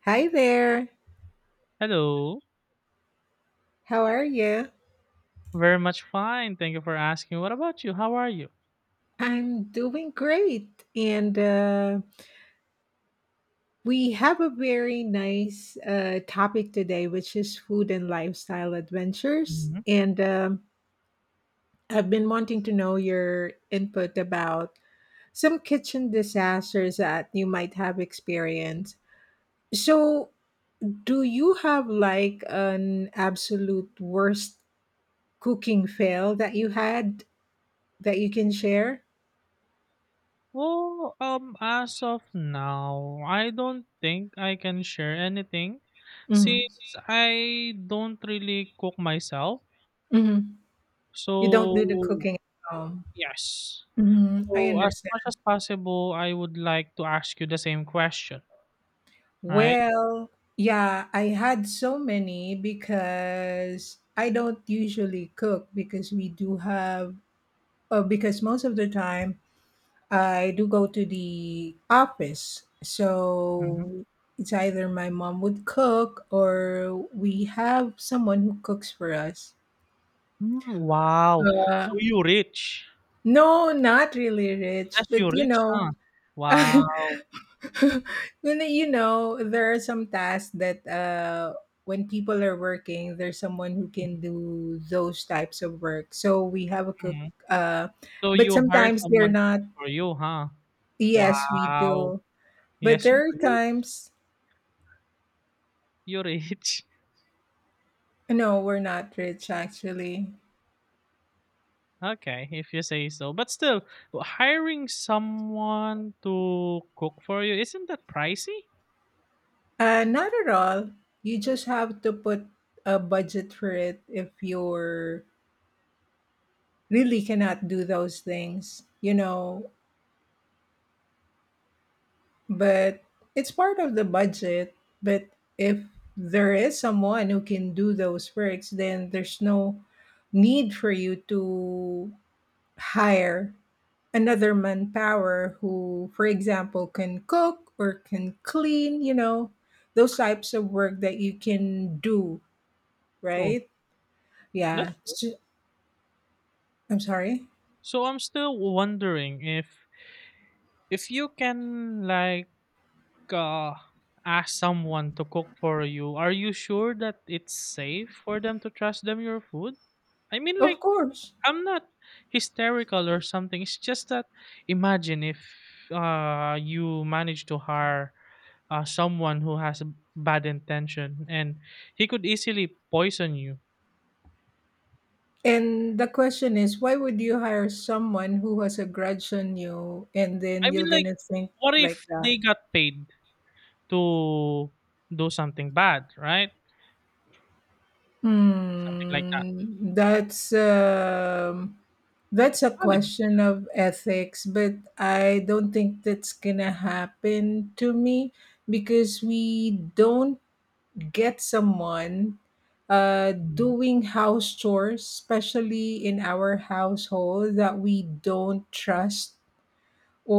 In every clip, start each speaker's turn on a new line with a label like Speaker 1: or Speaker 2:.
Speaker 1: Hi there.
Speaker 2: Hello.
Speaker 1: How are you?
Speaker 2: Very much fine. Thank you for asking. What about you? How are you?
Speaker 1: I'm doing great. And we have a very nice topic today, which is food and lifestyle adventures.
Speaker 2: Hmm.
Speaker 1: And I've been wanting to know your input about some kitchen disasters that you might have experienced. So, do you have like an absolute worst cooking fail that you had that you can share?
Speaker 2: Well, as of now, I don't think I can share anything
Speaker 1: Hmm.
Speaker 2: since I don't really cook myself.
Speaker 1: You don't do the
Speaker 2: So,
Speaker 1: cooking at home.
Speaker 2: yes.
Speaker 1: Mhm, I
Speaker 2: So, as much
Speaker 1: understand.
Speaker 2: as possible, I would like to ask you the same question, right?
Speaker 1: Well, yeah, I had so many because I don't usually cook because we do have, because most of the time I do go to the office.
Speaker 2: Mhm.
Speaker 1: So it's either my mom would cook or we have someone who cooks for us.
Speaker 2: Mm, wow. So,
Speaker 1: Uh,
Speaker 2: you rich.
Speaker 1: no, not really rich,
Speaker 2: Yes, you
Speaker 1: but you
Speaker 2: rich,
Speaker 1: know,
Speaker 2: huh? Wow.
Speaker 1: when you know there are some tasks that when people are working there's someone who can do those types of work so we have a cook. uh
Speaker 2: So
Speaker 1: but
Speaker 2: you hire
Speaker 1: sometimes
Speaker 2: someone
Speaker 1: they're
Speaker 2: to
Speaker 1: not.
Speaker 2: cook for you, huh?
Speaker 1: Yes, we
Speaker 2: Wow.
Speaker 1: do. But
Speaker 2: Yes, you're
Speaker 1: there are
Speaker 2: rich.
Speaker 1: times.
Speaker 2: You're rich.
Speaker 1: No, we're not rich actually.
Speaker 2: Okay, if you say so. But still, hiring someone to cook for you, isn't that pricey?
Speaker 1: Not at all. You just have to put a budget for it if you're really cannot do those things, you know. But it's part of the budget. But if there is someone who can do those works, then there's no need for you to hire another manpower who, for example, can cook or can clean, those types of work that you can do,
Speaker 2: True.
Speaker 1: right? Yeah.
Speaker 2: That's true.
Speaker 1: I'm sorry.
Speaker 2: So I'm still wondering if you can, like, uh ask someone to cook for you, are you sure that it's safe for them to trust them your food? I mean, like,
Speaker 1: Of course.
Speaker 2: I'm not hysterical or something. It's just that imagine if, you manage to hire, someone who has a bad intention and he could easily poison you.
Speaker 1: And the question is, why would you hire someone who has a grudge on you and
Speaker 2: I
Speaker 1: then you're
Speaker 2: mean, like,
Speaker 1: gonna think
Speaker 2: what
Speaker 1: like
Speaker 2: if
Speaker 1: that?
Speaker 2: they got paid to do something bad, right? Something like that.
Speaker 1: Hmm, that's
Speaker 2: It's a
Speaker 1: a
Speaker 2: valid.
Speaker 1: question of ethics, but I don't think that's gonna happen to me because we don't get someone
Speaker 2: Mm,
Speaker 1: doing house chores, especially in our household, that we don't trust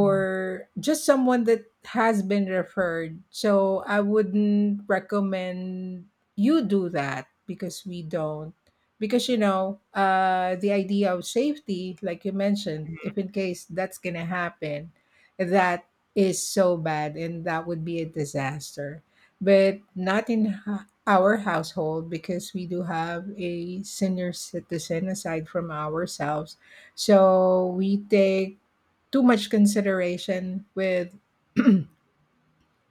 Speaker 2: mm,
Speaker 1: just someone that has been referred. So I wouldn't recommend you do that because we don't. Because you know, the idea of safety, like you mentioned, if in case that's gonna happen, that is so bad and that would be a disaster. But not in our household because we do have a senior citizen aside from ourselves. So we take too much consideration with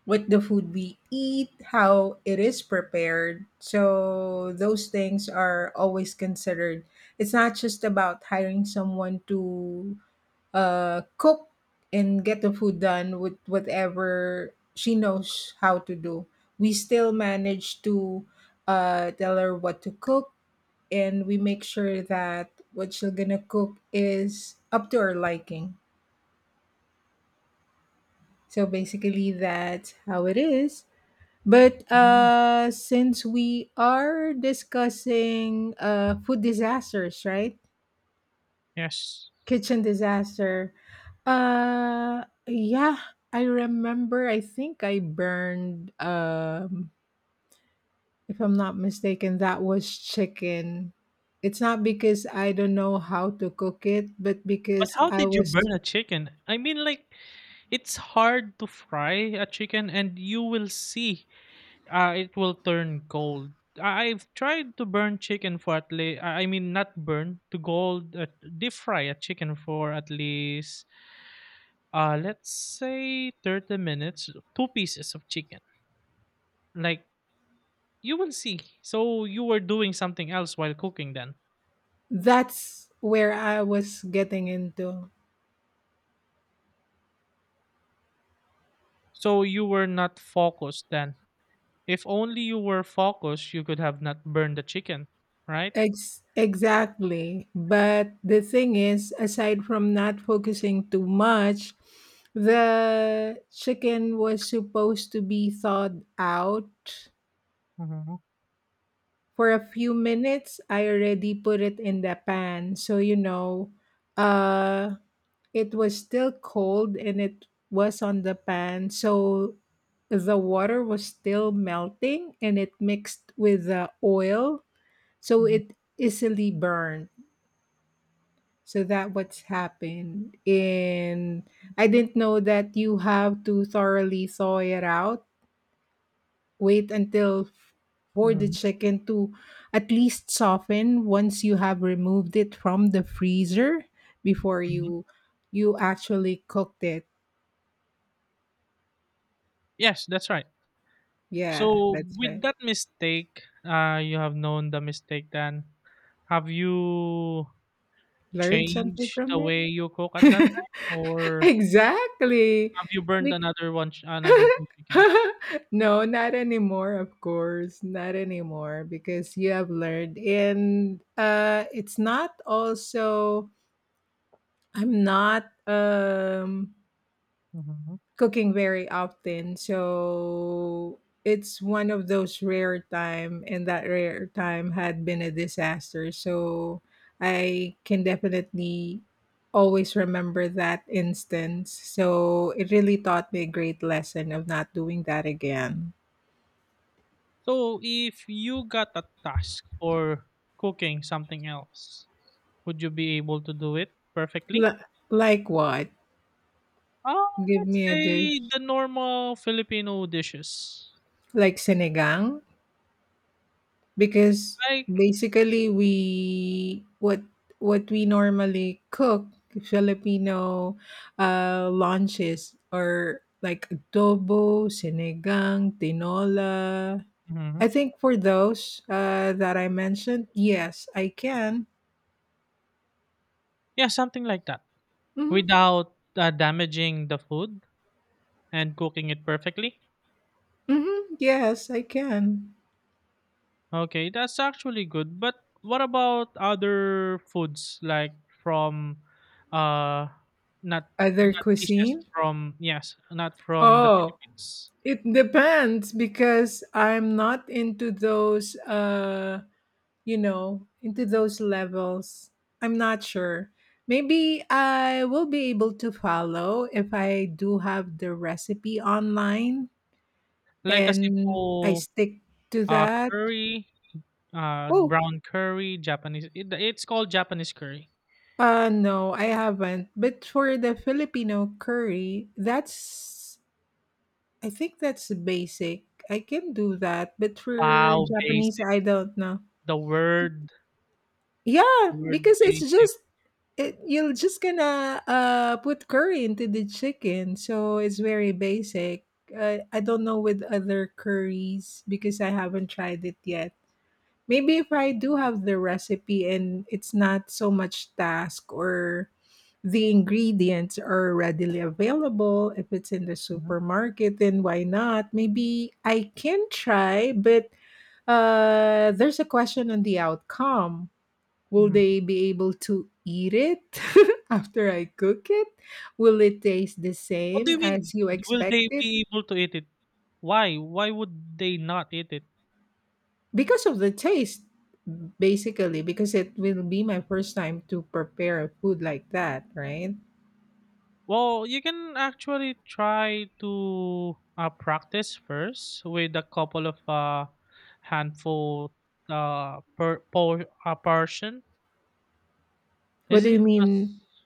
Speaker 1: the food we eat, how it is prepared. So those things are always considered. It's not just about hiring someone to cook and get the food done with whatever she knows how to do. We still manage to tell her what to cook, and we make sure that what she's gonna cook is up to her liking. So basically, that's how it is. But
Speaker 2: mm.
Speaker 1: uh, since we are discussing food disasters, right?
Speaker 2: Yes.
Speaker 1: Kitchen disaster. Yeah, I remember. I think I burned. If I'm not mistaken, that was chicken. It's not because I don't know how to cook it, but
Speaker 2: But
Speaker 1: because
Speaker 2: how
Speaker 1: I
Speaker 2: did you
Speaker 1: was.
Speaker 2: burn a chicken? I mean, like, it's hard to fry a chicken, and you will see, it will turn gold. I've tried to burn chicken for at least, I mean, not burn, to gold, deep fry a chicken for at least, let's say 30 minutes, two pieces of chicken. Like, you will see. So, you were doing something else while cooking then.
Speaker 1: That's where I was getting into.
Speaker 2: So, you were not focused then. If only you were focused, you could have not burned the chicken, right?
Speaker 1: Exactly. But the thing is, aside from not focusing too much, the chicken was supposed to be thawed out
Speaker 2: Hmm.
Speaker 1: for a few minutes. I already put it in the pan. So, you know, uh, it was still cold and it was on the pan. So the water was still melting and it mixed with the oil. So
Speaker 2: Hmm.
Speaker 1: it easily burned. So that what's happened. And I didn't know that you have to thoroughly thaw it out. Wait until for the
Speaker 2: Hmm.
Speaker 1: chicken to at least soften once you have removed it from the freezer before
Speaker 2: Hmm.
Speaker 1: you actually cooked it.
Speaker 2: Yes, that's right.
Speaker 1: Yeah,
Speaker 2: So
Speaker 1: that's
Speaker 2: with
Speaker 1: right.
Speaker 2: that mistake, you have known the mistake then. Have you
Speaker 1: Learn something
Speaker 2: changed the
Speaker 1: from
Speaker 2: way you cook at that
Speaker 1: it.
Speaker 2: time, or
Speaker 1: Exactly.
Speaker 2: have you burned another one, another two chicken?
Speaker 1: No, not anymore, of course. Not anymore because you have learned. And it's not also, I'm not
Speaker 2: Mhm.
Speaker 1: cooking very often. So it's one of those rare time and that rare time had been a disaster. So I can definitely always remember that instance. So it really taught me a great lesson of not doing that again.
Speaker 2: So if you got a task for cooking something else, would you be able to do it
Speaker 1: Li
Speaker 2: perfectly?
Speaker 1: like what?
Speaker 2: Um,
Speaker 1: Give
Speaker 2: let's
Speaker 1: me a dish.
Speaker 2: say the normal Filipino dishes,
Speaker 1: Like sinigang? Because
Speaker 2: like.
Speaker 1: basically we what we normally cook Filipino lunches or like adobo, sinigang, tinola.
Speaker 2: Mhm.
Speaker 1: I think for those that I mentioned, yes, I can.
Speaker 2: Yeah, something like that,
Speaker 1: Hmm.
Speaker 2: without damaging the food and cooking it perfectly.
Speaker 1: Hmm. Yes, I can.
Speaker 2: Okay, that's actually good. But what about other foods like from, uh not
Speaker 1: Other
Speaker 2: not dishes
Speaker 1: cuisine?
Speaker 2: from, yes, not from the
Speaker 1: Oh,
Speaker 2: Philippines.
Speaker 1: it depends because I'm not into those into those levels. I'm not sure. Maybe I will be able to follow if I do have the recipe online
Speaker 2: Like a
Speaker 1: and I
Speaker 2: simple
Speaker 1: stick to that.
Speaker 2: curry,
Speaker 1: Oh,
Speaker 2: brown curry, Japanese, it's called Japanese curry.
Speaker 1: uh no, I haven't. But for the Filipino curry, that's I think that's basic. I can do that. But for
Speaker 2: Wow,
Speaker 1: Japanese,
Speaker 2: basic.
Speaker 1: I don't know.
Speaker 2: The word the
Speaker 1: Yeah,
Speaker 2: word
Speaker 1: because it's
Speaker 2: basic.
Speaker 1: just you're just gonna put curry into the chicken, so it's very basic. I don't know with other curries because I haven't tried it yet. Maybe if I do have the recipe and it's not so much task or the ingredients are readily available, if it's in the
Speaker 2: Mhm,
Speaker 1: supermarket, then why not? Maybe I can try, but there's a question on the outcome. Will
Speaker 2: mhm.
Speaker 1: they be able to eat it after I cook it? Will it taste the
Speaker 2: What do
Speaker 1: same
Speaker 2: you mean
Speaker 1: as you
Speaker 2: will
Speaker 1: expect
Speaker 2: they
Speaker 1: it?
Speaker 2: be able to eat it? Why? Why would they not eat it?
Speaker 1: Because of the taste, basically, because it will be my first time to prepare a food like that, right?
Speaker 2: Well, you can actually try to, practice first with a couple of, handful, per, por portion.
Speaker 1: What do
Speaker 2: Isn't
Speaker 1: you
Speaker 2: it
Speaker 1: mean?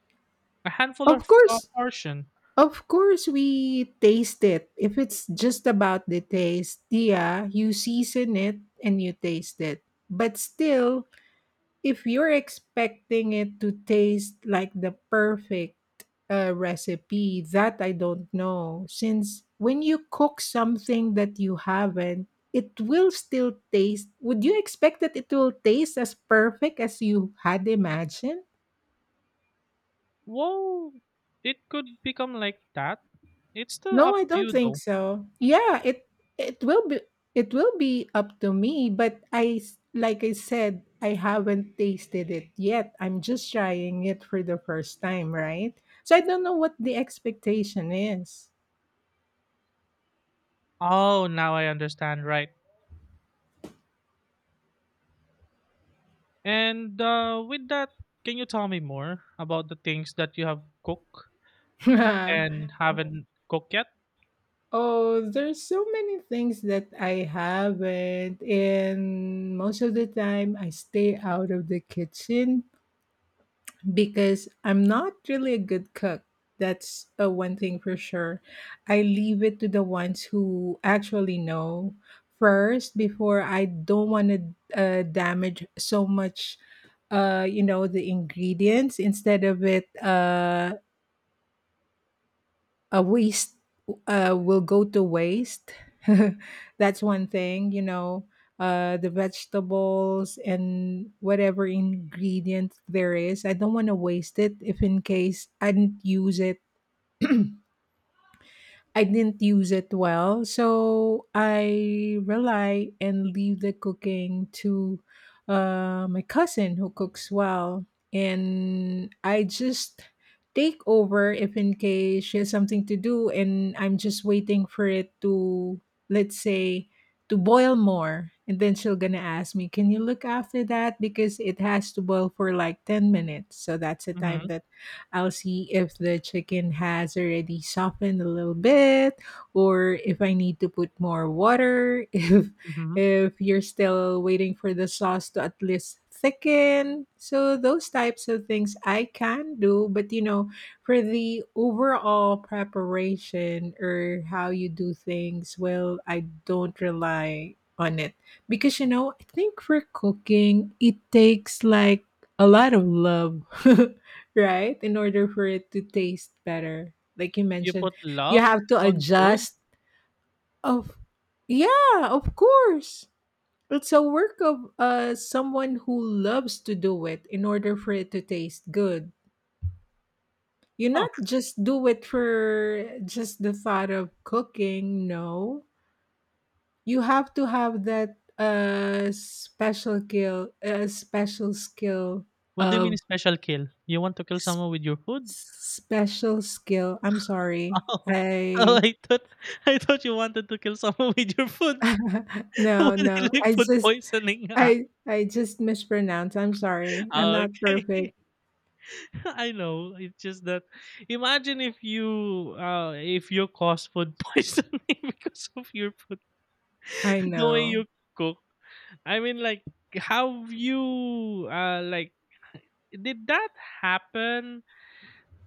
Speaker 2: a handful
Speaker 1: Of
Speaker 2: of,
Speaker 1: course,
Speaker 2: portion?
Speaker 1: of course, we taste it. If it's just about the taste, yeah, you season it and you taste it. But still, if you're expecting it to taste like the perfect recipe, that I don't know. Since when you cook something that you haven't, it will still taste. Would you expect that it will taste as perfect as you had imagined?
Speaker 2: Whoa, it could become like that. It's still
Speaker 1: No,
Speaker 2: up
Speaker 1: I
Speaker 2: to
Speaker 1: don't
Speaker 2: you
Speaker 1: think
Speaker 2: though.
Speaker 1: so. Yeah, it will be it will be up to me, but like I said, I haven't tasted it yet. I'm just trying it for the first time, right? So I don't know what the expectation is.
Speaker 2: Oh, now I understand. Right. And, with that, can you tell me more about the things that you have cooked and haven't cooked yet?
Speaker 1: Oh, there's so many things that I haven't and most of the time I stay out of the kitchen because I'm not really a good cook. That's one thing for sure. I leave it to the ones who actually know first before I don't want to damage so much you know the ingredients instead of it a waste will go to waste. That's one thing, you know, the vegetables and whatever ingredient there is. I don't want to waste it if in case I didn't use it well. So I rely and leave the cooking to my cousin who cooks well. And I just take over if in case she has something to do and I'm just waiting for it to, let's say, to boil more. And then she'll gonna ask me, can you look after that? Because it has to boil for like 10 minutes. So that's the time
Speaker 2: Mm-hmm.
Speaker 1: that I'll see if the chicken has already softened a little bit or if I need to put more water. If
Speaker 2: Mm-hmm.
Speaker 1: if you're still waiting for the sauce to at least thicken. So those types of things I can do, but you know, for the overall preparation or how you do things, well, I don't rely on it because you know, I think for cooking, it takes like a lot of love. Right? In order for it to taste better. Like you
Speaker 2: You
Speaker 1: mentioned,
Speaker 2: put
Speaker 1: you
Speaker 2: love
Speaker 1: have to
Speaker 2: on food?
Speaker 1: adjust of yeah, of course. It's a work of someone who loves to do it in order for it to taste good. You
Speaker 2: Huh.
Speaker 1: not just do it for just the thought of cooking, no. You have to have that
Speaker 2: What do you mean
Speaker 1: of
Speaker 2: special kill? You want to kill
Speaker 1: s-
Speaker 2: someone with your food?
Speaker 1: special skill. I'm sorry.
Speaker 2: Oh. Oh,
Speaker 1: I
Speaker 2: I thought you wanted to kill someone with your food.
Speaker 1: No,
Speaker 2: What is do
Speaker 1: no.
Speaker 2: like
Speaker 1: I
Speaker 2: food
Speaker 1: just
Speaker 2: poisoning?
Speaker 1: I I just mispronounced. I'm sorry. I'm
Speaker 2: Ah,
Speaker 1: not
Speaker 2: okay.
Speaker 1: perfect.
Speaker 2: I know. It's just that imagine if you cause food poisoning because of your food
Speaker 1: I
Speaker 2: the way
Speaker 1: know.
Speaker 2: you cook. I mean, like, have you, like, did that happen,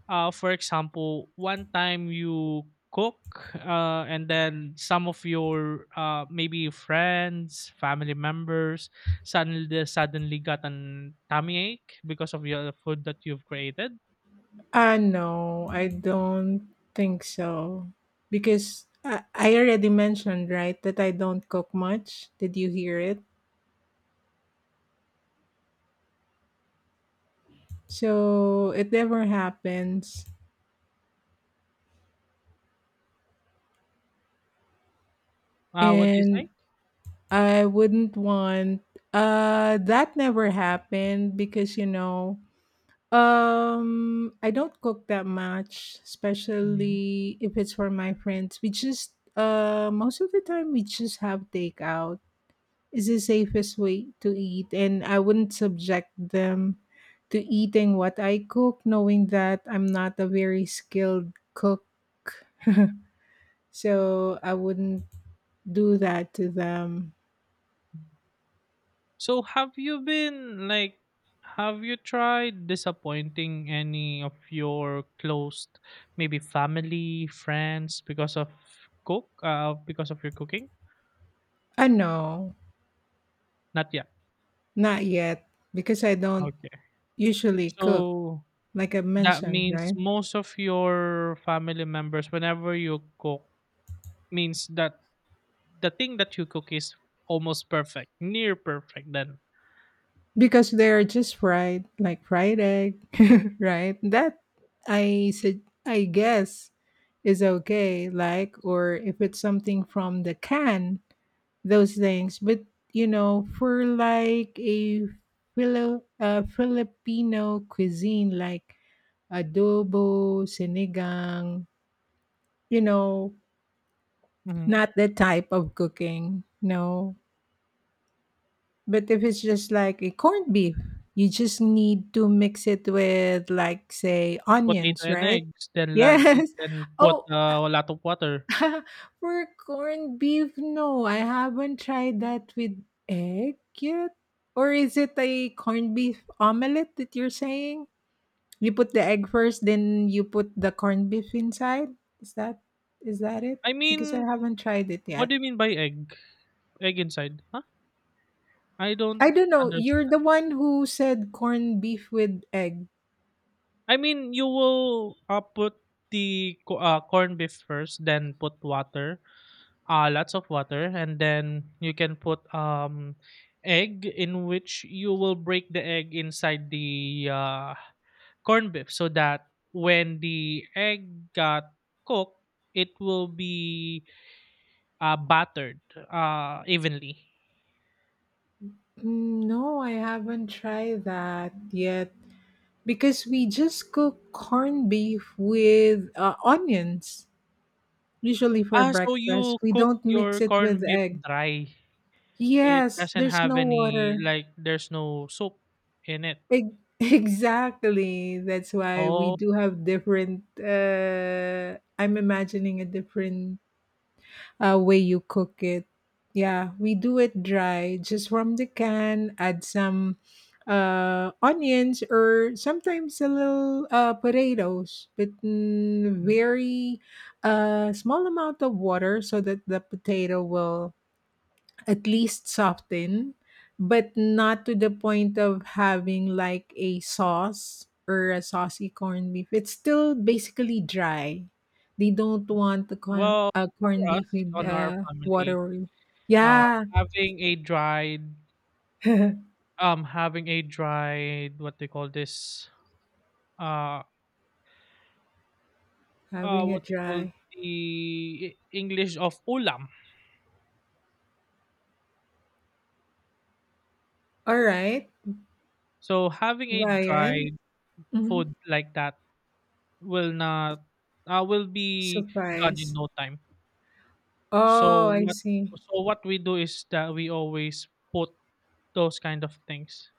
Speaker 2: for example, one time you cook, and then some of your, maybe friends, family members, suddenly got an tummy ache because of your food that you've created.
Speaker 1: No, I don't think so. Because I already mentioned, right, that I don't cook much. Did you hear it? So it never happens.
Speaker 2: What do you say?
Speaker 1: And I wouldn't want that never happened because you know. I don't cook that much,
Speaker 2: Mhm.
Speaker 1: especially if it's for my friends. We just most of the time we just have takeout. It's the safest way to eat, and I wouldn't subject them to eating what I cook, knowing that I'm not a very skilled cook. So I wouldn't do that to them.
Speaker 2: So have you been like? Have you tried disappointing any of your close, maybe family, friends, because of because of your cooking?
Speaker 1: I know,
Speaker 2: Not yet.
Speaker 1: not yet, because I don't
Speaker 2: Okay.
Speaker 1: usually cook,
Speaker 2: So
Speaker 1: like I
Speaker 2: that
Speaker 1: mentioned,
Speaker 2: means
Speaker 1: right?
Speaker 2: most of your family members, whenever you cook, means that the thing that you cook is almost perfect, near perfect then.
Speaker 1: Because they're just fried, like fried egg, right? That I said, I guess is okay, like, or if it's something from the can, those things. But you know, for like a Filipino cuisine, like adobo, sinigang, you know,
Speaker 2: Mhm.
Speaker 1: not that type of cooking. No, but if it's just like a corned beef, you just need to mix it with like say
Speaker 2: Potato
Speaker 1: onions,
Speaker 2: and
Speaker 1: right?
Speaker 2: eggs, then la-
Speaker 1: Yes.
Speaker 2: then put,
Speaker 1: Oh,
Speaker 2: a lot of water.
Speaker 1: for corned beef, no, I haven't tried that with egg yet. Or is it a corned beef omelette that you're saying? You put the egg first, then you put the corned beef inside. Is that is that it?
Speaker 2: I
Speaker 1: Because I
Speaker 2: mean,
Speaker 1: haven't tried it
Speaker 2: what
Speaker 1: yet.
Speaker 2: do you mean by egg? Egg inside? Huh? I
Speaker 1: I
Speaker 2: don't
Speaker 1: don't know. You're
Speaker 2: understand.
Speaker 1: the one who said corned beef with egg.
Speaker 2: I mean, you will, put the corned beef first, then put water, lots of water, and then you can put egg, in which you will break the egg inside the, corned beef, so that when the egg got cooked, it will be, battered, evenly.
Speaker 1: Mm, no, I haven't tried that yet because we just cook corned beef with onions, usually for
Speaker 2: Ah, so
Speaker 1: breakfast.
Speaker 2: you
Speaker 1: We
Speaker 2: cook
Speaker 1: don't
Speaker 2: your
Speaker 1: mix it with
Speaker 2: corned beef
Speaker 1: egg.
Speaker 2: dry. It
Speaker 1: Yes,
Speaker 2: doesn't
Speaker 1: there's
Speaker 2: have
Speaker 1: no
Speaker 2: any,
Speaker 1: water.
Speaker 2: like, there's no soup in it.
Speaker 1: Ex- exactly. That's why we
Speaker 2: Oh.
Speaker 1: do have different. I'm imagining a different way you cook it. Yeah, we do it dry, just from the can, add some onions or sometimes a little potatoes, but very small amount of water so that the potato will at least soften, but not to the point of having like a sauce or a saucy corned beef. It's still basically dry. They don't want the corn
Speaker 2: Well,
Speaker 1: uh, corned
Speaker 2: for
Speaker 1: beef
Speaker 2: us,
Speaker 1: with
Speaker 2: on our family,
Speaker 1: watery.
Speaker 2: Uh,
Speaker 1: Yeah,
Speaker 2: having a dried um, having a dried what they call this? Uh,
Speaker 1: having
Speaker 2: what
Speaker 1: it
Speaker 2: they call
Speaker 1: dry.
Speaker 2: the English of ulam?
Speaker 1: All right,
Speaker 2: So having a
Speaker 1: Ryan.
Speaker 2: dried
Speaker 1: Mhm.
Speaker 2: food like that will not, will be gone in
Speaker 1: Surprise.
Speaker 2: no time. So
Speaker 1: Oh, I
Speaker 2: what
Speaker 1: see.
Speaker 2: so what we do is that we always put those kind of things.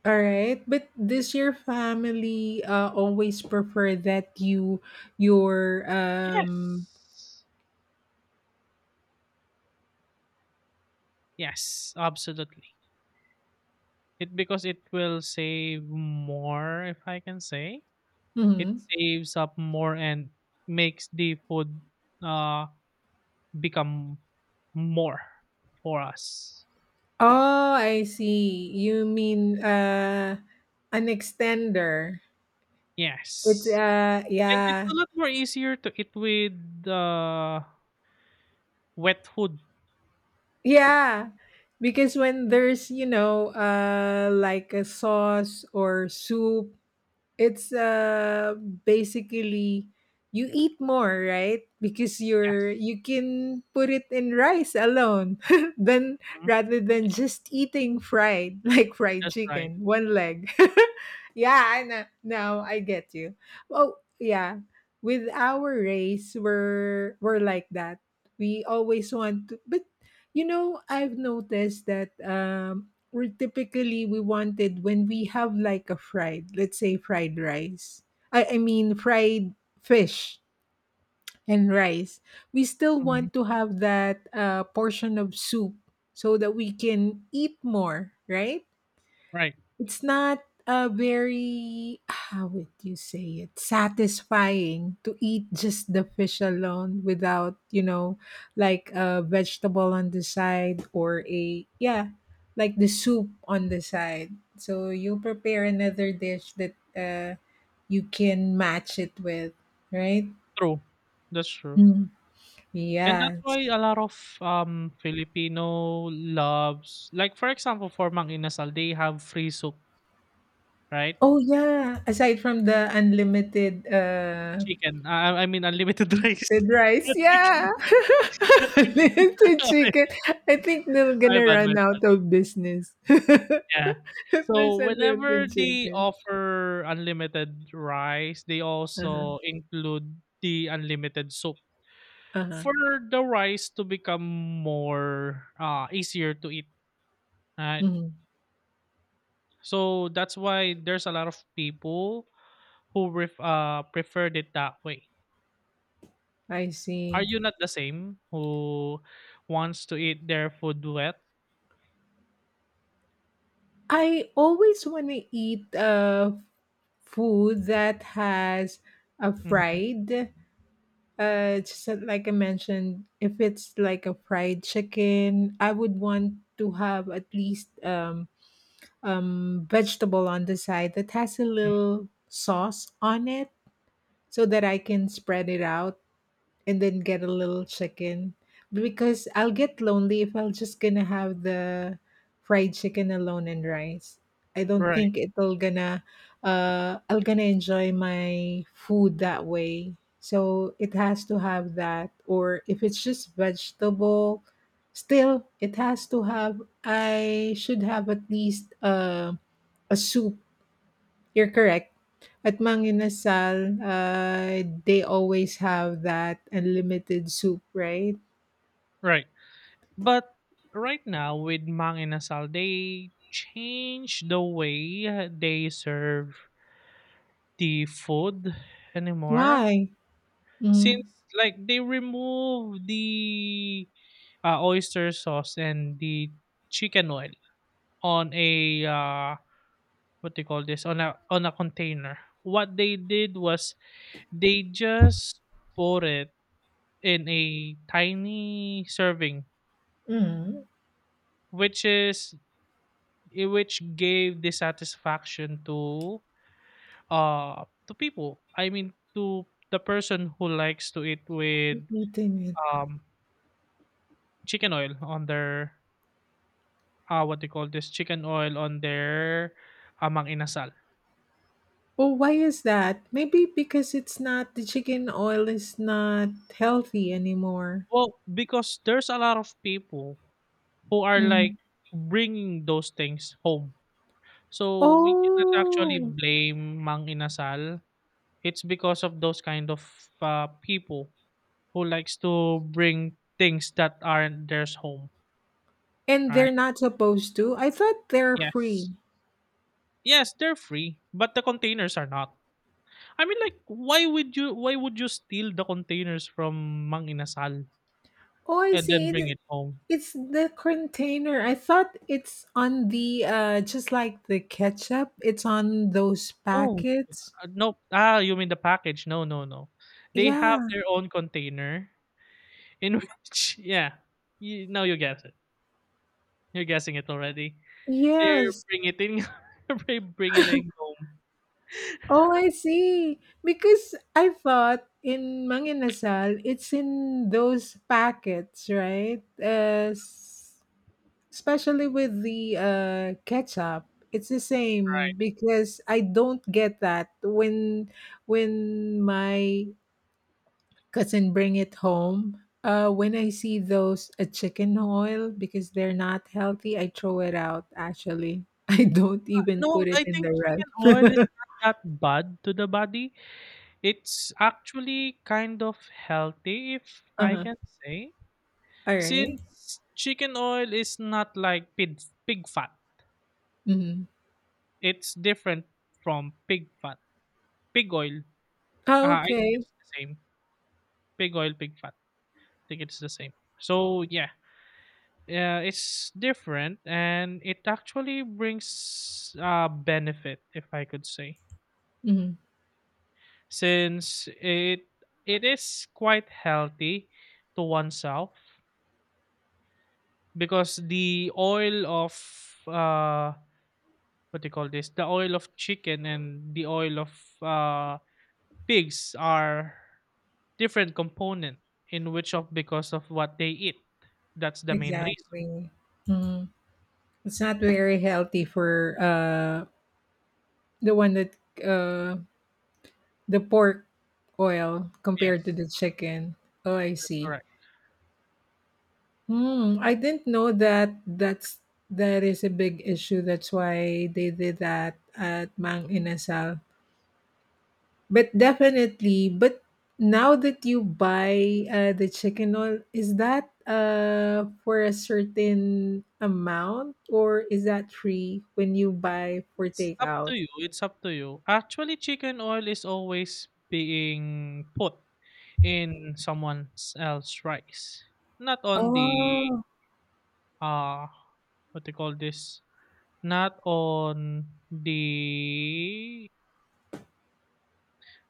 Speaker 1: All right, but does your family always prefer that your
Speaker 2: Yes. Yes, absolutely. It because it will save more if I can say. It
Speaker 1: Mhm.
Speaker 2: saves up more and makes the food, uh, become more for us.
Speaker 1: Oh, I see. You mean, an extender. It's,
Speaker 2: Yes. And it's
Speaker 1: yeah.
Speaker 2: a lot more easier to eat with, uh, wet food.
Speaker 1: Yeah, because when there's, you know, like a sauce or soup it's basically you eat more, right? Because you're
Speaker 2: Yes.
Speaker 1: you can put it in rice alone then
Speaker 2: Mhm.
Speaker 1: rather than just eating fried like fried
Speaker 2: That's right.
Speaker 1: chicken, one leg. Yeah, I know. Now I get you. Oh, yeah. With our race, we're like that. We always want to, but you know, I've noticed that we're typically we wanted when we have like a fried, let's say, fried rice I mean fried fish and rice, we still
Speaker 2: Mhm.
Speaker 1: want to have that portion of soup so that we can eat more, right?
Speaker 2: Right.
Speaker 1: It's not a very, how would you say it, satisfying to eat just the fish alone without, you know, like a vegetable on the side or a yeah, like the soup on the side, so you prepare another dish that you can match it with, right?
Speaker 2: True. That's true.
Speaker 1: Mm.
Speaker 2: And that's
Speaker 1: Yes.
Speaker 2: why a lot of Filipino loves, like for example, for Mang Inasal, they have free soup, right?
Speaker 1: Oh yeah, aside from the unlimited
Speaker 2: Chicken. I mean unlimited rice.
Speaker 1: with rice,
Speaker 2: Not
Speaker 1: yeah.
Speaker 2: chicken, not chicken.
Speaker 1: Little chicken. I think they're
Speaker 2: My
Speaker 1: gonna
Speaker 2: bad, my
Speaker 1: run
Speaker 2: bad.
Speaker 1: out of business
Speaker 2: Yeah.
Speaker 1: if there's
Speaker 2: So
Speaker 1: a little
Speaker 2: whenever they
Speaker 1: chicken.
Speaker 2: offer unlimited rice, they
Speaker 1: Uh-huh.
Speaker 2: also include the unlimited soup
Speaker 1: Uh-huh.
Speaker 2: for the rice to become more, easier to eat. Right.
Speaker 1: Mhm.
Speaker 2: So that's why there's a lot of people who preferred it that way.
Speaker 1: I
Speaker 2: Are
Speaker 1: see.
Speaker 2: you not the same who wants to eat their food wet?
Speaker 1: I always want to eat food that has a
Speaker 2: Hmm.
Speaker 1: fried. Just like I mentioned, if it's like a fried chicken, I would want to have at least vegetable on the side that has a little sauce on it so that I can spread it out and then get a little chicken, because I'll get lonely if I am just gonna have the fried chicken alone and rice. I don't
Speaker 2: Right.
Speaker 1: think it'll gonna I'll gonna enjoy my food that way. So it has to have that, or if it's just vegetable, still it has to have, I should have at least a soup. You're correct. At Manginasal, they always have that unlimited soup, right?
Speaker 2: Right. But right now with Manginasal, they change the way, they serve the food anymore.
Speaker 1: Why?
Speaker 2: Since,
Speaker 1: Mm.
Speaker 2: like, they remove the, oyster sauce and the chicken oil on a, what they call this, on a container. What they did was they just poured it in a tiny serving,
Speaker 1: Mm.
Speaker 2: which is, which gave dissatisfaction to people. I mean, to the person who likes to eat with
Speaker 1: Eating it.
Speaker 2: um chicken oil on their, what they call this, chicken oil on their amang inasal.
Speaker 1: Oh, why is that? Maybe because it's not, the chicken oil is not healthy anymore.
Speaker 2: Well, because there's a lot of people who are, like,
Speaker 1: Mm.
Speaker 2: bringing those things home. So we cannot actually
Speaker 1: Oh,
Speaker 2: blame Mang Inasal. It's because of those kind of, people who likes to bring things that aren't theirs home,
Speaker 1: and they're
Speaker 2: right?
Speaker 1: not supposed to. I thought they're free.
Speaker 2: Yes. Yes, they're free, but the containers are not. I mean, like, why would you steal the containers from Mang Inasal
Speaker 1: Oh, I
Speaker 2: and then
Speaker 1: see.
Speaker 2: bring it home?
Speaker 1: It's the container. I thought it's on the just like the ketchup. It's on those
Speaker 2: No.
Speaker 1: packets.
Speaker 2: No. Ah, you mean the package. No, no, no. They have
Speaker 1: Yeah.
Speaker 2: their own container, in which yeah. Now you guess it. You're guessing it already. They're
Speaker 1: Yes.
Speaker 2: bring it in they bring it in home.
Speaker 1: Oh, I see. Because I thought in Manginasal, it's in those packets, right? Especially with the ketchup. It's the same
Speaker 2: Right?
Speaker 1: because I don't get that when my cousin bring it home. When I see those chicken oil because they're not healthy, I throw it out. Actually, I don't even
Speaker 2: No,
Speaker 1: put it
Speaker 2: I
Speaker 1: in
Speaker 2: think
Speaker 1: the
Speaker 2: chicken oil is
Speaker 1: rest.
Speaker 2: not that bad to the body. It's actually kind of healthy, if I
Speaker 1: Uh-huh.
Speaker 2: can say,
Speaker 1: All right.
Speaker 2: since chicken oil is not like pig fat.
Speaker 1: Mm-hmm.
Speaker 2: It's different from pig fat, pig oil.
Speaker 1: Oh,
Speaker 2: I think
Speaker 1: okay.
Speaker 2: it's the same. Pig oil, pig fat. I think it's the same. So yeah, yeah, it's different, and it actually brings benefit, if I could say,
Speaker 1: Mm-hmm.
Speaker 2: since it is quite healthy to oneself, because the oil of, uh what do you call this, the oil of chicken and the oil of, uh pigs are different component, in which of, because of what they eat, that's the main reason.
Speaker 1: Exactly. Mm. It's not very healthy for the one that uh the pork oil compared to
Speaker 2: Yes,
Speaker 1: the chicken. Oh, I
Speaker 2: that's
Speaker 1: see.
Speaker 2: correct.
Speaker 1: Hmm, I didn't know that that is a big issue. That's why they did that at Mang Inasal. But definitely, but now that you buy the chicken oil, is that for a certain amount, or is that free when you buy for
Speaker 2: It's up
Speaker 1: takeout?
Speaker 2: to you, it's up to you. Actually, chicken oil is always being put in someone else's rice. Not on the,
Speaker 1: Oh,
Speaker 2: uh what they call this? Not on the,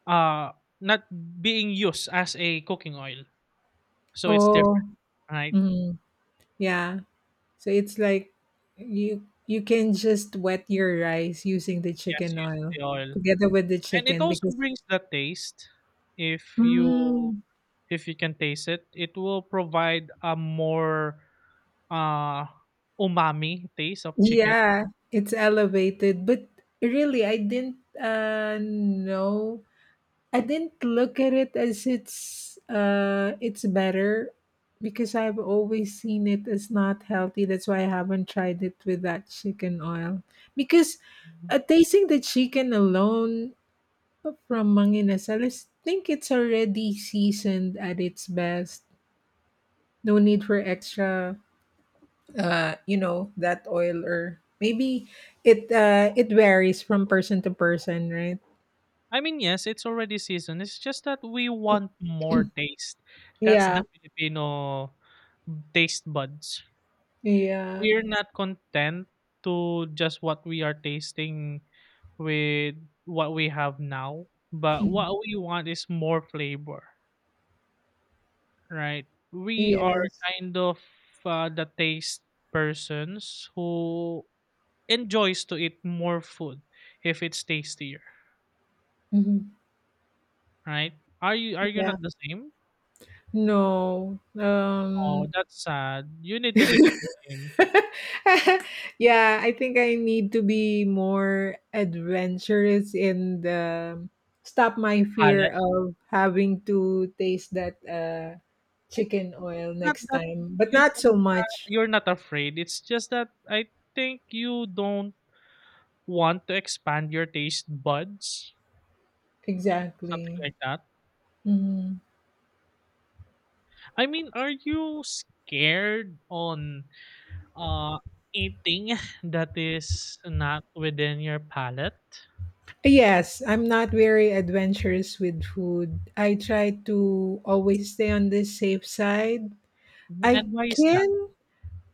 Speaker 2: uh not being used as a cooking oil. So it's
Speaker 1: oh,
Speaker 2: different, right?
Speaker 1: mm, yeah. So it's like you can just wet your rice using the
Speaker 2: Yes,
Speaker 1: chicken
Speaker 2: using
Speaker 1: oil
Speaker 2: the oil.
Speaker 1: together with the
Speaker 2: And it
Speaker 1: chicken
Speaker 2: also
Speaker 1: because
Speaker 2: brings the taste, if you
Speaker 1: mm,
Speaker 2: if you can taste it, it will provide a more uh umami taste of chicken.
Speaker 1: yeah, it's elevated. But really, I didn't know. I didn't look at it as it's better because I've always seen it as not healthy. That's why I haven't tried it with that chicken oil. Because tasting the chicken alone from Manginas, I think it's already seasoned at its best. No need for extra, you know, that oil, or maybe it it varies from person to person, right?
Speaker 2: I mean, yes, it's already seasoned. It's just that we want more taste. That's
Speaker 1: Yeah,
Speaker 2: the Filipino taste buds.
Speaker 1: yeah,
Speaker 2: We're not content to just what we are tasting with what we have now, but
Speaker 1: mhm.
Speaker 2: what we want is more flavor. Right. We are
Speaker 1: Yes,
Speaker 2: kind of, the taste persons who enjoys to eat more food if it's tastier,
Speaker 1: mhm.
Speaker 2: right? Are you
Speaker 1: Yeah.
Speaker 2: not the same?
Speaker 1: No,
Speaker 2: Oh, that's sad. You need to
Speaker 1: yeah,
Speaker 2: become the same
Speaker 1: I think I need to be more adventurous and stop my fear
Speaker 2: palate.
Speaker 1: of having to taste that
Speaker 2: I think
Speaker 1: chicken oil
Speaker 2: not
Speaker 1: next
Speaker 2: that
Speaker 1: time, but
Speaker 2: you
Speaker 1: not so
Speaker 2: don't,
Speaker 1: much.
Speaker 2: you're not afraid. It's just that I think you don't want to expand your taste buds, something
Speaker 1: Exactly.
Speaker 2: like that.
Speaker 1: Mhm.
Speaker 2: I mean, are you scared on, Uh, eating that is not within your palate?
Speaker 1: Yes, I'm not very adventurous with food. I try to always stay on the safe side.
Speaker 2: Mhm.
Speaker 1: I
Speaker 2: And why is that?
Speaker 1: can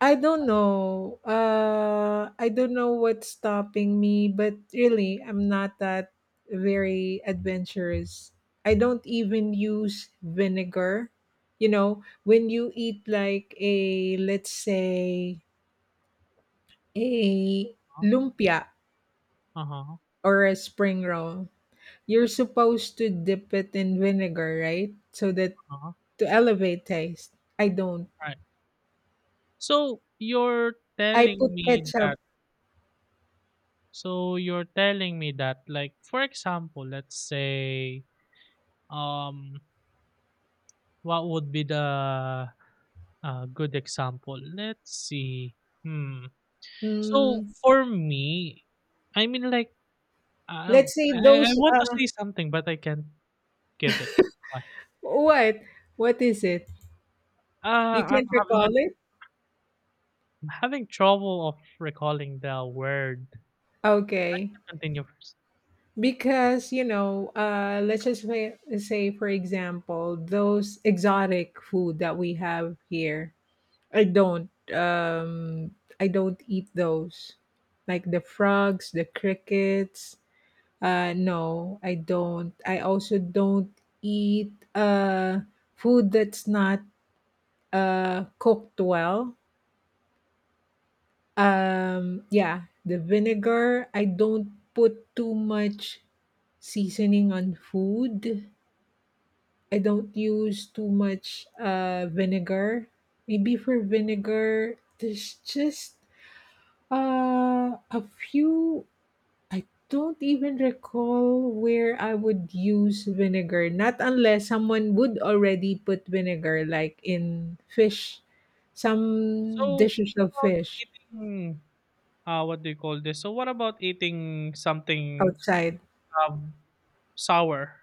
Speaker 1: I don't know. I don't know what's stopping me, but really, I'm not that very adventurous. I don't even use vinegar. You know, when you eat like a, let's say, a lumpia
Speaker 2: Uh-huh.
Speaker 1: or a spring roll, you're supposed to dip it in vinegar, right? So that
Speaker 2: Uh-huh.
Speaker 1: to elevate taste. I don't.
Speaker 2: Right. So you're
Speaker 1: I
Speaker 2: telling
Speaker 1: put
Speaker 2: me
Speaker 1: ketchup.
Speaker 2: that, like, for example, let's say, um what would be the, good example? Let's see. Hmm. So
Speaker 1: Mm,
Speaker 2: for me, I mean, like, uh,
Speaker 1: let's
Speaker 2: I
Speaker 1: say
Speaker 2: I
Speaker 1: those
Speaker 2: want to say something but I can't give it. Why?
Speaker 1: what? What is it?
Speaker 2: Uh,
Speaker 1: You
Speaker 2: I'm
Speaker 1: can't
Speaker 2: having
Speaker 1: recall it?
Speaker 2: having trouble of recalling the word.
Speaker 1: Okay.
Speaker 2: Continue first.
Speaker 1: Because, you know, let's just say, for example, those exotic food that we have here, I don't eat those. Like the frogs, the crickets. No, I don't. I also don't eat food that's not cooked well. Yeah, the vinegar. I don't put too much seasoning on food. I don't use too much vinegar. Maybe for vinegar, there's just a few. I don't even recall where I would use vinegar. Not unless someone would already put vinegar, like in fish, some
Speaker 2: So,
Speaker 1: dishes
Speaker 2: what
Speaker 1: of
Speaker 2: about
Speaker 1: fish
Speaker 2: eating, what do you call this? So, what about eating something,
Speaker 1: outside.
Speaker 2: um, sour?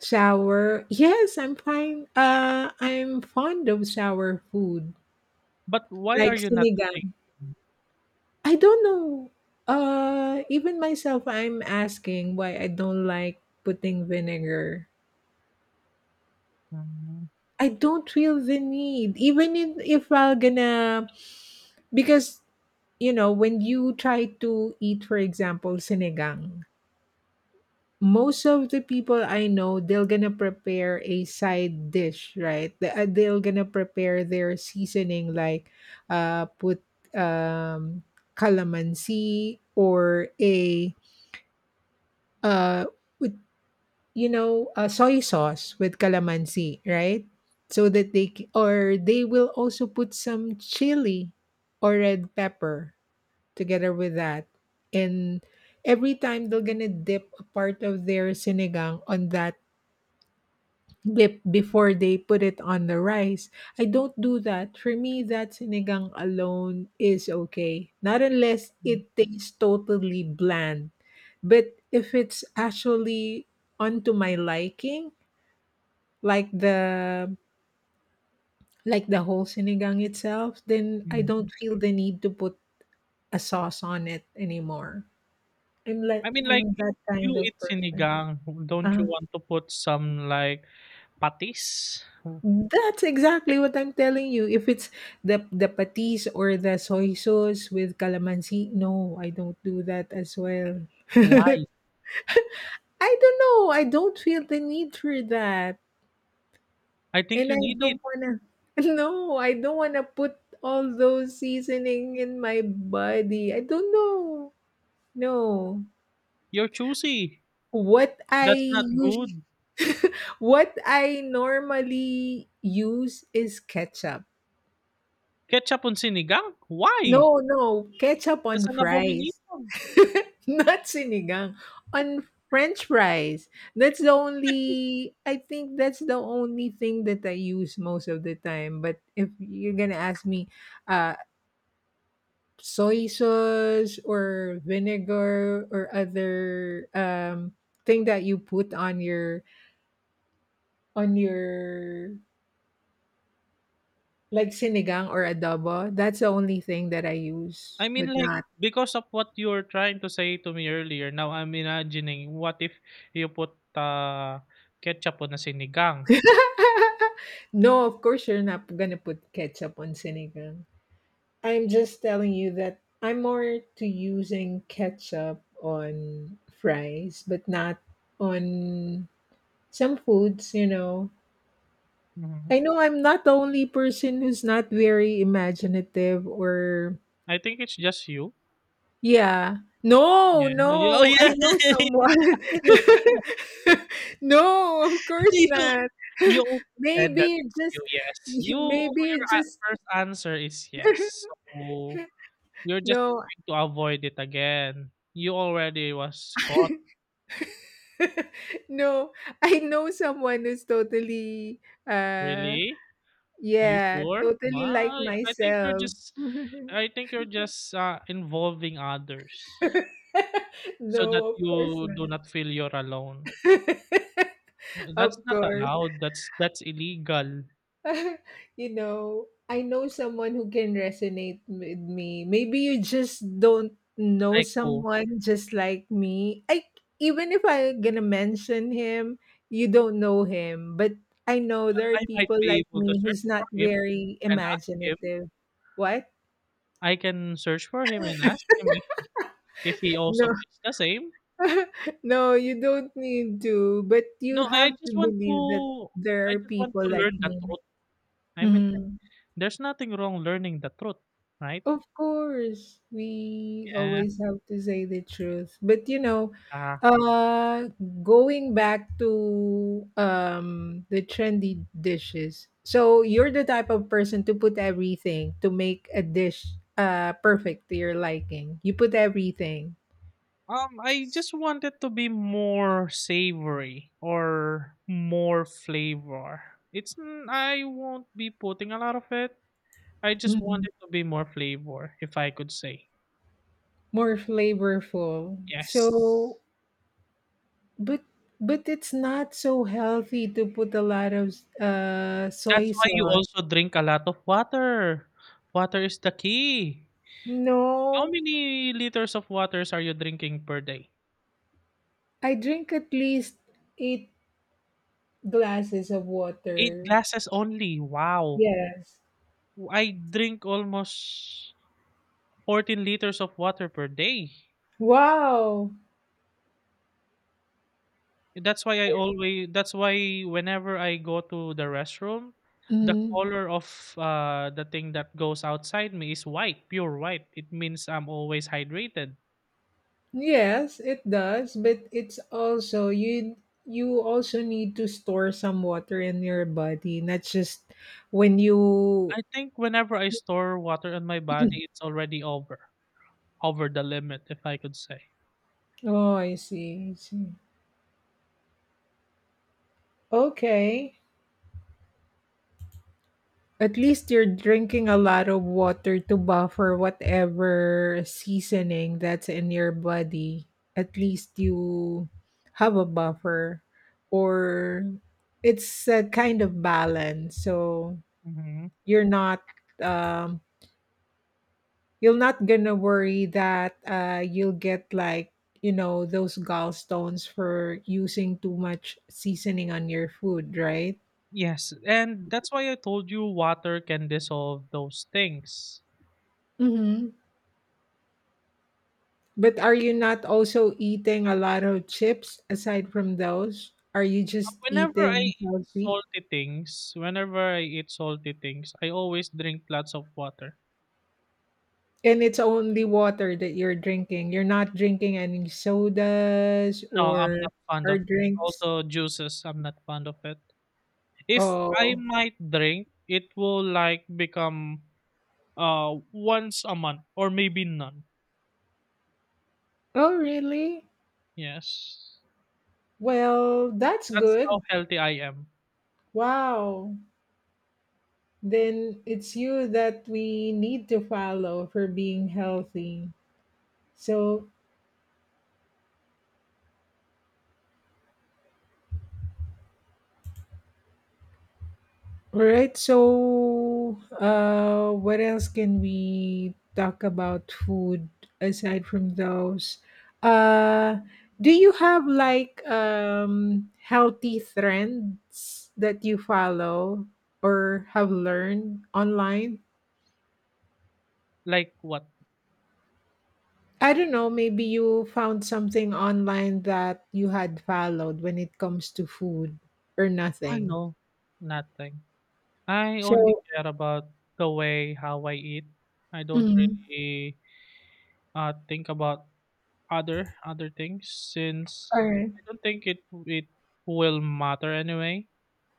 Speaker 1: Shower. Yes, I'm fine. I'm fond of shower food,
Speaker 2: But why are
Speaker 1: like
Speaker 2: you not eating?
Speaker 1: sinigang. I don't know. Even myself, I'm asking why I don't like putting vinegar.
Speaker 2: Mm,
Speaker 1: I don't feel the need, even in, if I'm gonna, because you know when you try to eat, for example, sinigang, most of the people I know, they're gonna prepare a side dish, right? They're gonna prepare their seasoning, like put um, calamansi or a uh, with you know a soy sauce with calamansi, right? So that or they will also put some chili or red pepper together with that, and every time they're gonna dip a part of their sinigang on that dip before they put it on the rice. I don't do that. For me, that sinigang alone is okay. Not unless it
Speaker 2: mm,
Speaker 1: tastes totally bland. But if it's actually onto my liking, like the like the whole sinigang itself, then I
Speaker 2: mm.
Speaker 1: don't feel the need to put a sauce on it anymore. I'm like
Speaker 2: I mean, like,
Speaker 1: I'm
Speaker 2: if
Speaker 1: that kind
Speaker 2: you
Speaker 1: of
Speaker 2: eat
Speaker 1: person.
Speaker 2: sinigang, don't you
Speaker 1: Uh-huh.
Speaker 2: want to put some, like, patis?
Speaker 1: That's exactly what I'm telling you. If it's the patis or the soy sauce with calamansi, no, I don't do that as well.
Speaker 2: Why?
Speaker 1: I don't know. I don't feel the need for that.
Speaker 2: I think
Speaker 1: And
Speaker 2: you
Speaker 1: I
Speaker 2: need it.
Speaker 1: don't wanna no, I don't wanna put all those seasoning in my body. I don't know. No.
Speaker 2: You're choosy.
Speaker 1: What I
Speaker 2: That's not
Speaker 1: use
Speaker 2: good.
Speaker 1: what I normally use is ketchup.
Speaker 2: Ketchup on sinigang? Why?
Speaker 1: No, no, ketchup
Speaker 2: That's
Speaker 1: on
Speaker 2: an
Speaker 1: fries.
Speaker 2: abomination.
Speaker 1: Not sinigang, on french fries. That's the only, I think that's the only thing that I use most of the time, but if you're gonna ask me, uh, soy sauce or vinegar or other, thing that you put on your like sinigang or adobo, that's the only thing that I use,
Speaker 2: I mean,
Speaker 1: but
Speaker 2: like,
Speaker 1: not
Speaker 2: because of what you were trying to say to me earlier, now I'm imagining what if you put, ketchup on a sinigang?
Speaker 1: no, of course you're not gonna put ketchup on sinigang. I'm just telling you that I'm more to using ketchup on fries, but not on some foods, you know.
Speaker 2: Mhm.
Speaker 1: I know I'm not the only person who's not very imaginative or
Speaker 2: I think it's just you.
Speaker 1: yeah. No,
Speaker 2: Yeah. No. Oh,
Speaker 1: no, I
Speaker 2: yeah.
Speaker 1: know someone.
Speaker 2: you,
Speaker 1: No, of course
Speaker 2: you,
Speaker 1: not.
Speaker 2: also said that
Speaker 1: maybe it
Speaker 2: it's you,
Speaker 1: just
Speaker 2: yes. You,
Speaker 1: maybe
Speaker 2: your
Speaker 1: it just
Speaker 2: first answer is yes. So you're just
Speaker 1: no,
Speaker 2: trying to avoid it again. You already was caught,
Speaker 1: no. I know someone who's totally, uh,
Speaker 2: really? You
Speaker 1: yeah,
Speaker 2: sure?
Speaker 1: totally like
Speaker 2: Wow, I think you're
Speaker 1: myself.
Speaker 2: just, involving others so
Speaker 1: No,
Speaker 2: that
Speaker 1: of course
Speaker 2: you do
Speaker 1: not.
Speaker 2: not feel you're alone. That's
Speaker 1: Of
Speaker 2: not
Speaker 1: course.
Speaker 2: allowed. That's illegal.
Speaker 1: You know, I know someone who can resonate with me. Maybe you just don't know
Speaker 2: Like who?
Speaker 1: someone just like me. I, even if I'm gonna mention him, you don't know him. But I know there are
Speaker 2: I might
Speaker 1: people
Speaker 2: be
Speaker 1: like
Speaker 2: able to
Speaker 1: me who's
Speaker 2: search for
Speaker 1: not
Speaker 2: him
Speaker 1: very
Speaker 2: and ask him.
Speaker 1: imaginative. What?
Speaker 2: I can search for him and ask him if he
Speaker 1: No,
Speaker 2: also feels the same.
Speaker 1: no, you don't need to. But you
Speaker 2: No,
Speaker 1: have to believe that
Speaker 2: I
Speaker 1: there are
Speaker 2: just want
Speaker 1: people
Speaker 2: to
Speaker 1: like
Speaker 2: learn the
Speaker 1: me.
Speaker 2: truth. I mean,
Speaker 1: Mhm.
Speaker 2: there's nothing wrong learning the truth, right?
Speaker 1: Of course, we always
Speaker 2: Yes.
Speaker 1: have to say the truth. But you know,
Speaker 2: Ah,
Speaker 1: uh going back to the trendy dishes. So you're the type of person to put everything to make a dish perfect to your liking. You put everything.
Speaker 2: I just want it to be more savory or more flavor. I won't be putting a lot of it. I just want
Speaker 1: Mhm.
Speaker 2: it to be more flavor, if I could say.
Speaker 1: More flavorful.
Speaker 2: Yes.
Speaker 1: So but but it's not so healthy to put a lot of
Speaker 2: That's
Speaker 1: soy
Speaker 2: why you
Speaker 1: sauce.
Speaker 2: also drink a lot of water. Water is the key. How
Speaker 1: No,
Speaker 2: many liters of waters are you drinking per day?
Speaker 1: I drink at least 8 glasses of
Speaker 2: Eight
Speaker 1: water.
Speaker 2: glasses only. Wow.
Speaker 1: Yes.
Speaker 2: I drink almost 14 liters of water per day.
Speaker 1: Wow.
Speaker 2: That's why whenever I go to the restroom, the
Speaker 1: Mm,
Speaker 2: color of, the thing that goes outside me is white, pure white. It means I'm always hydrated.
Speaker 1: yes, it does, but it's also you also need to store some water in your body, not just when you
Speaker 2: I think whenever I store water on my body, it's already over the limit, if I could say.
Speaker 1: Oh, I see. I see. Okay. At least you're drinking a lot of water to buffer whatever seasoning that's in your body. At least you have a buffer or it's a kind of balance. So
Speaker 2: Hmm.
Speaker 1: you're not um you're not gonna worry that you'll get like you know those gallstones for using too much seasoning on your food, right?
Speaker 2: Yes, and that's why I told you water can dissolve those things.
Speaker 1: Mhm. But are you not also eating a lot of chips aside from those? Are you just
Speaker 2: Whenever I
Speaker 1: eating
Speaker 2: eat
Speaker 1: healthy?
Speaker 2: salty things, whenever I eat salty things, I always drink lots of water.
Speaker 1: And it's only water that you're drinking. You're not drinking any sodas
Speaker 2: No, I'm not fond
Speaker 1: or
Speaker 2: of it.
Speaker 1: drinks.
Speaker 2: Also juices, I'm not fond of it. If I
Speaker 1: Oh.
Speaker 2: might drink, it will like become once a month or maybe none.
Speaker 1: Oh really?
Speaker 2: Yes.
Speaker 1: Well, that's
Speaker 2: That's
Speaker 1: good.
Speaker 2: how healthy I am.
Speaker 1: Wow. Then it's you that we need to follow for being healthy. So all right, so what else can we talk about food aside from those? Uh, do you have like healthy trends that you follow or have learned online?
Speaker 2: Like what?
Speaker 1: I don't know, maybe you found something online that you had followed when it comes to food or
Speaker 2: I
Speaker 1: nothing.
Speaker 2: know nothing. I only
Speaker 1: So,
Speaker 2: care about the way how I eat. I don't
Speaker 1: mhm.
Speaker 2: really think about other things,
Speaker 1: All
Speaker 2: since
Speaker 1: right.
Speaker 2: I don't think it will matter anyway.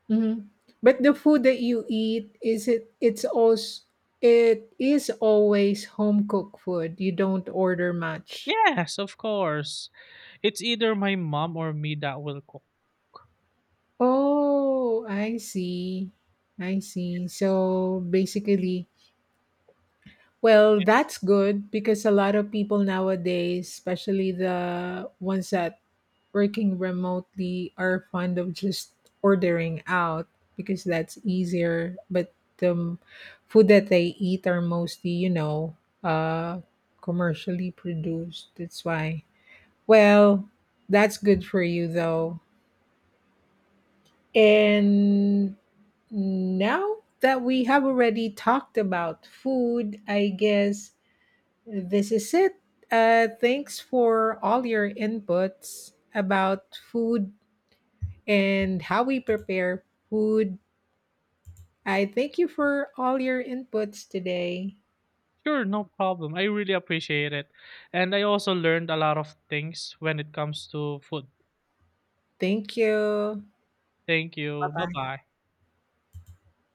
Speaker 1: Mhm. But the food that you eat, is it, it's also it is always home cooked food, you don't order much?
Speaker 2: Yes, of course. It's either my mom or me that will cook.
Speaker 1: Oh, I see. I see.
Speaker 2: Yes.
Speaker 1: So, basically well, that's good because a lot of people nowadays, especially the ones that working remotely, are fond of just ordering out because that's easier. But the food that they eat are mostly, you know, uh, commercially produced. That's why. Well, that's good for you though. And now that we have already talked about food, I guess this is it. Thanks for all your inputs about food and how we prepare food. I thank you for all your inputs today.
Speaker 2: Sure, no problem. I really appreciate it. And I also learned a lot of things when it comes to food.
Speaker 1: Thank you.
Speaker 2: Thank you. Bye bye.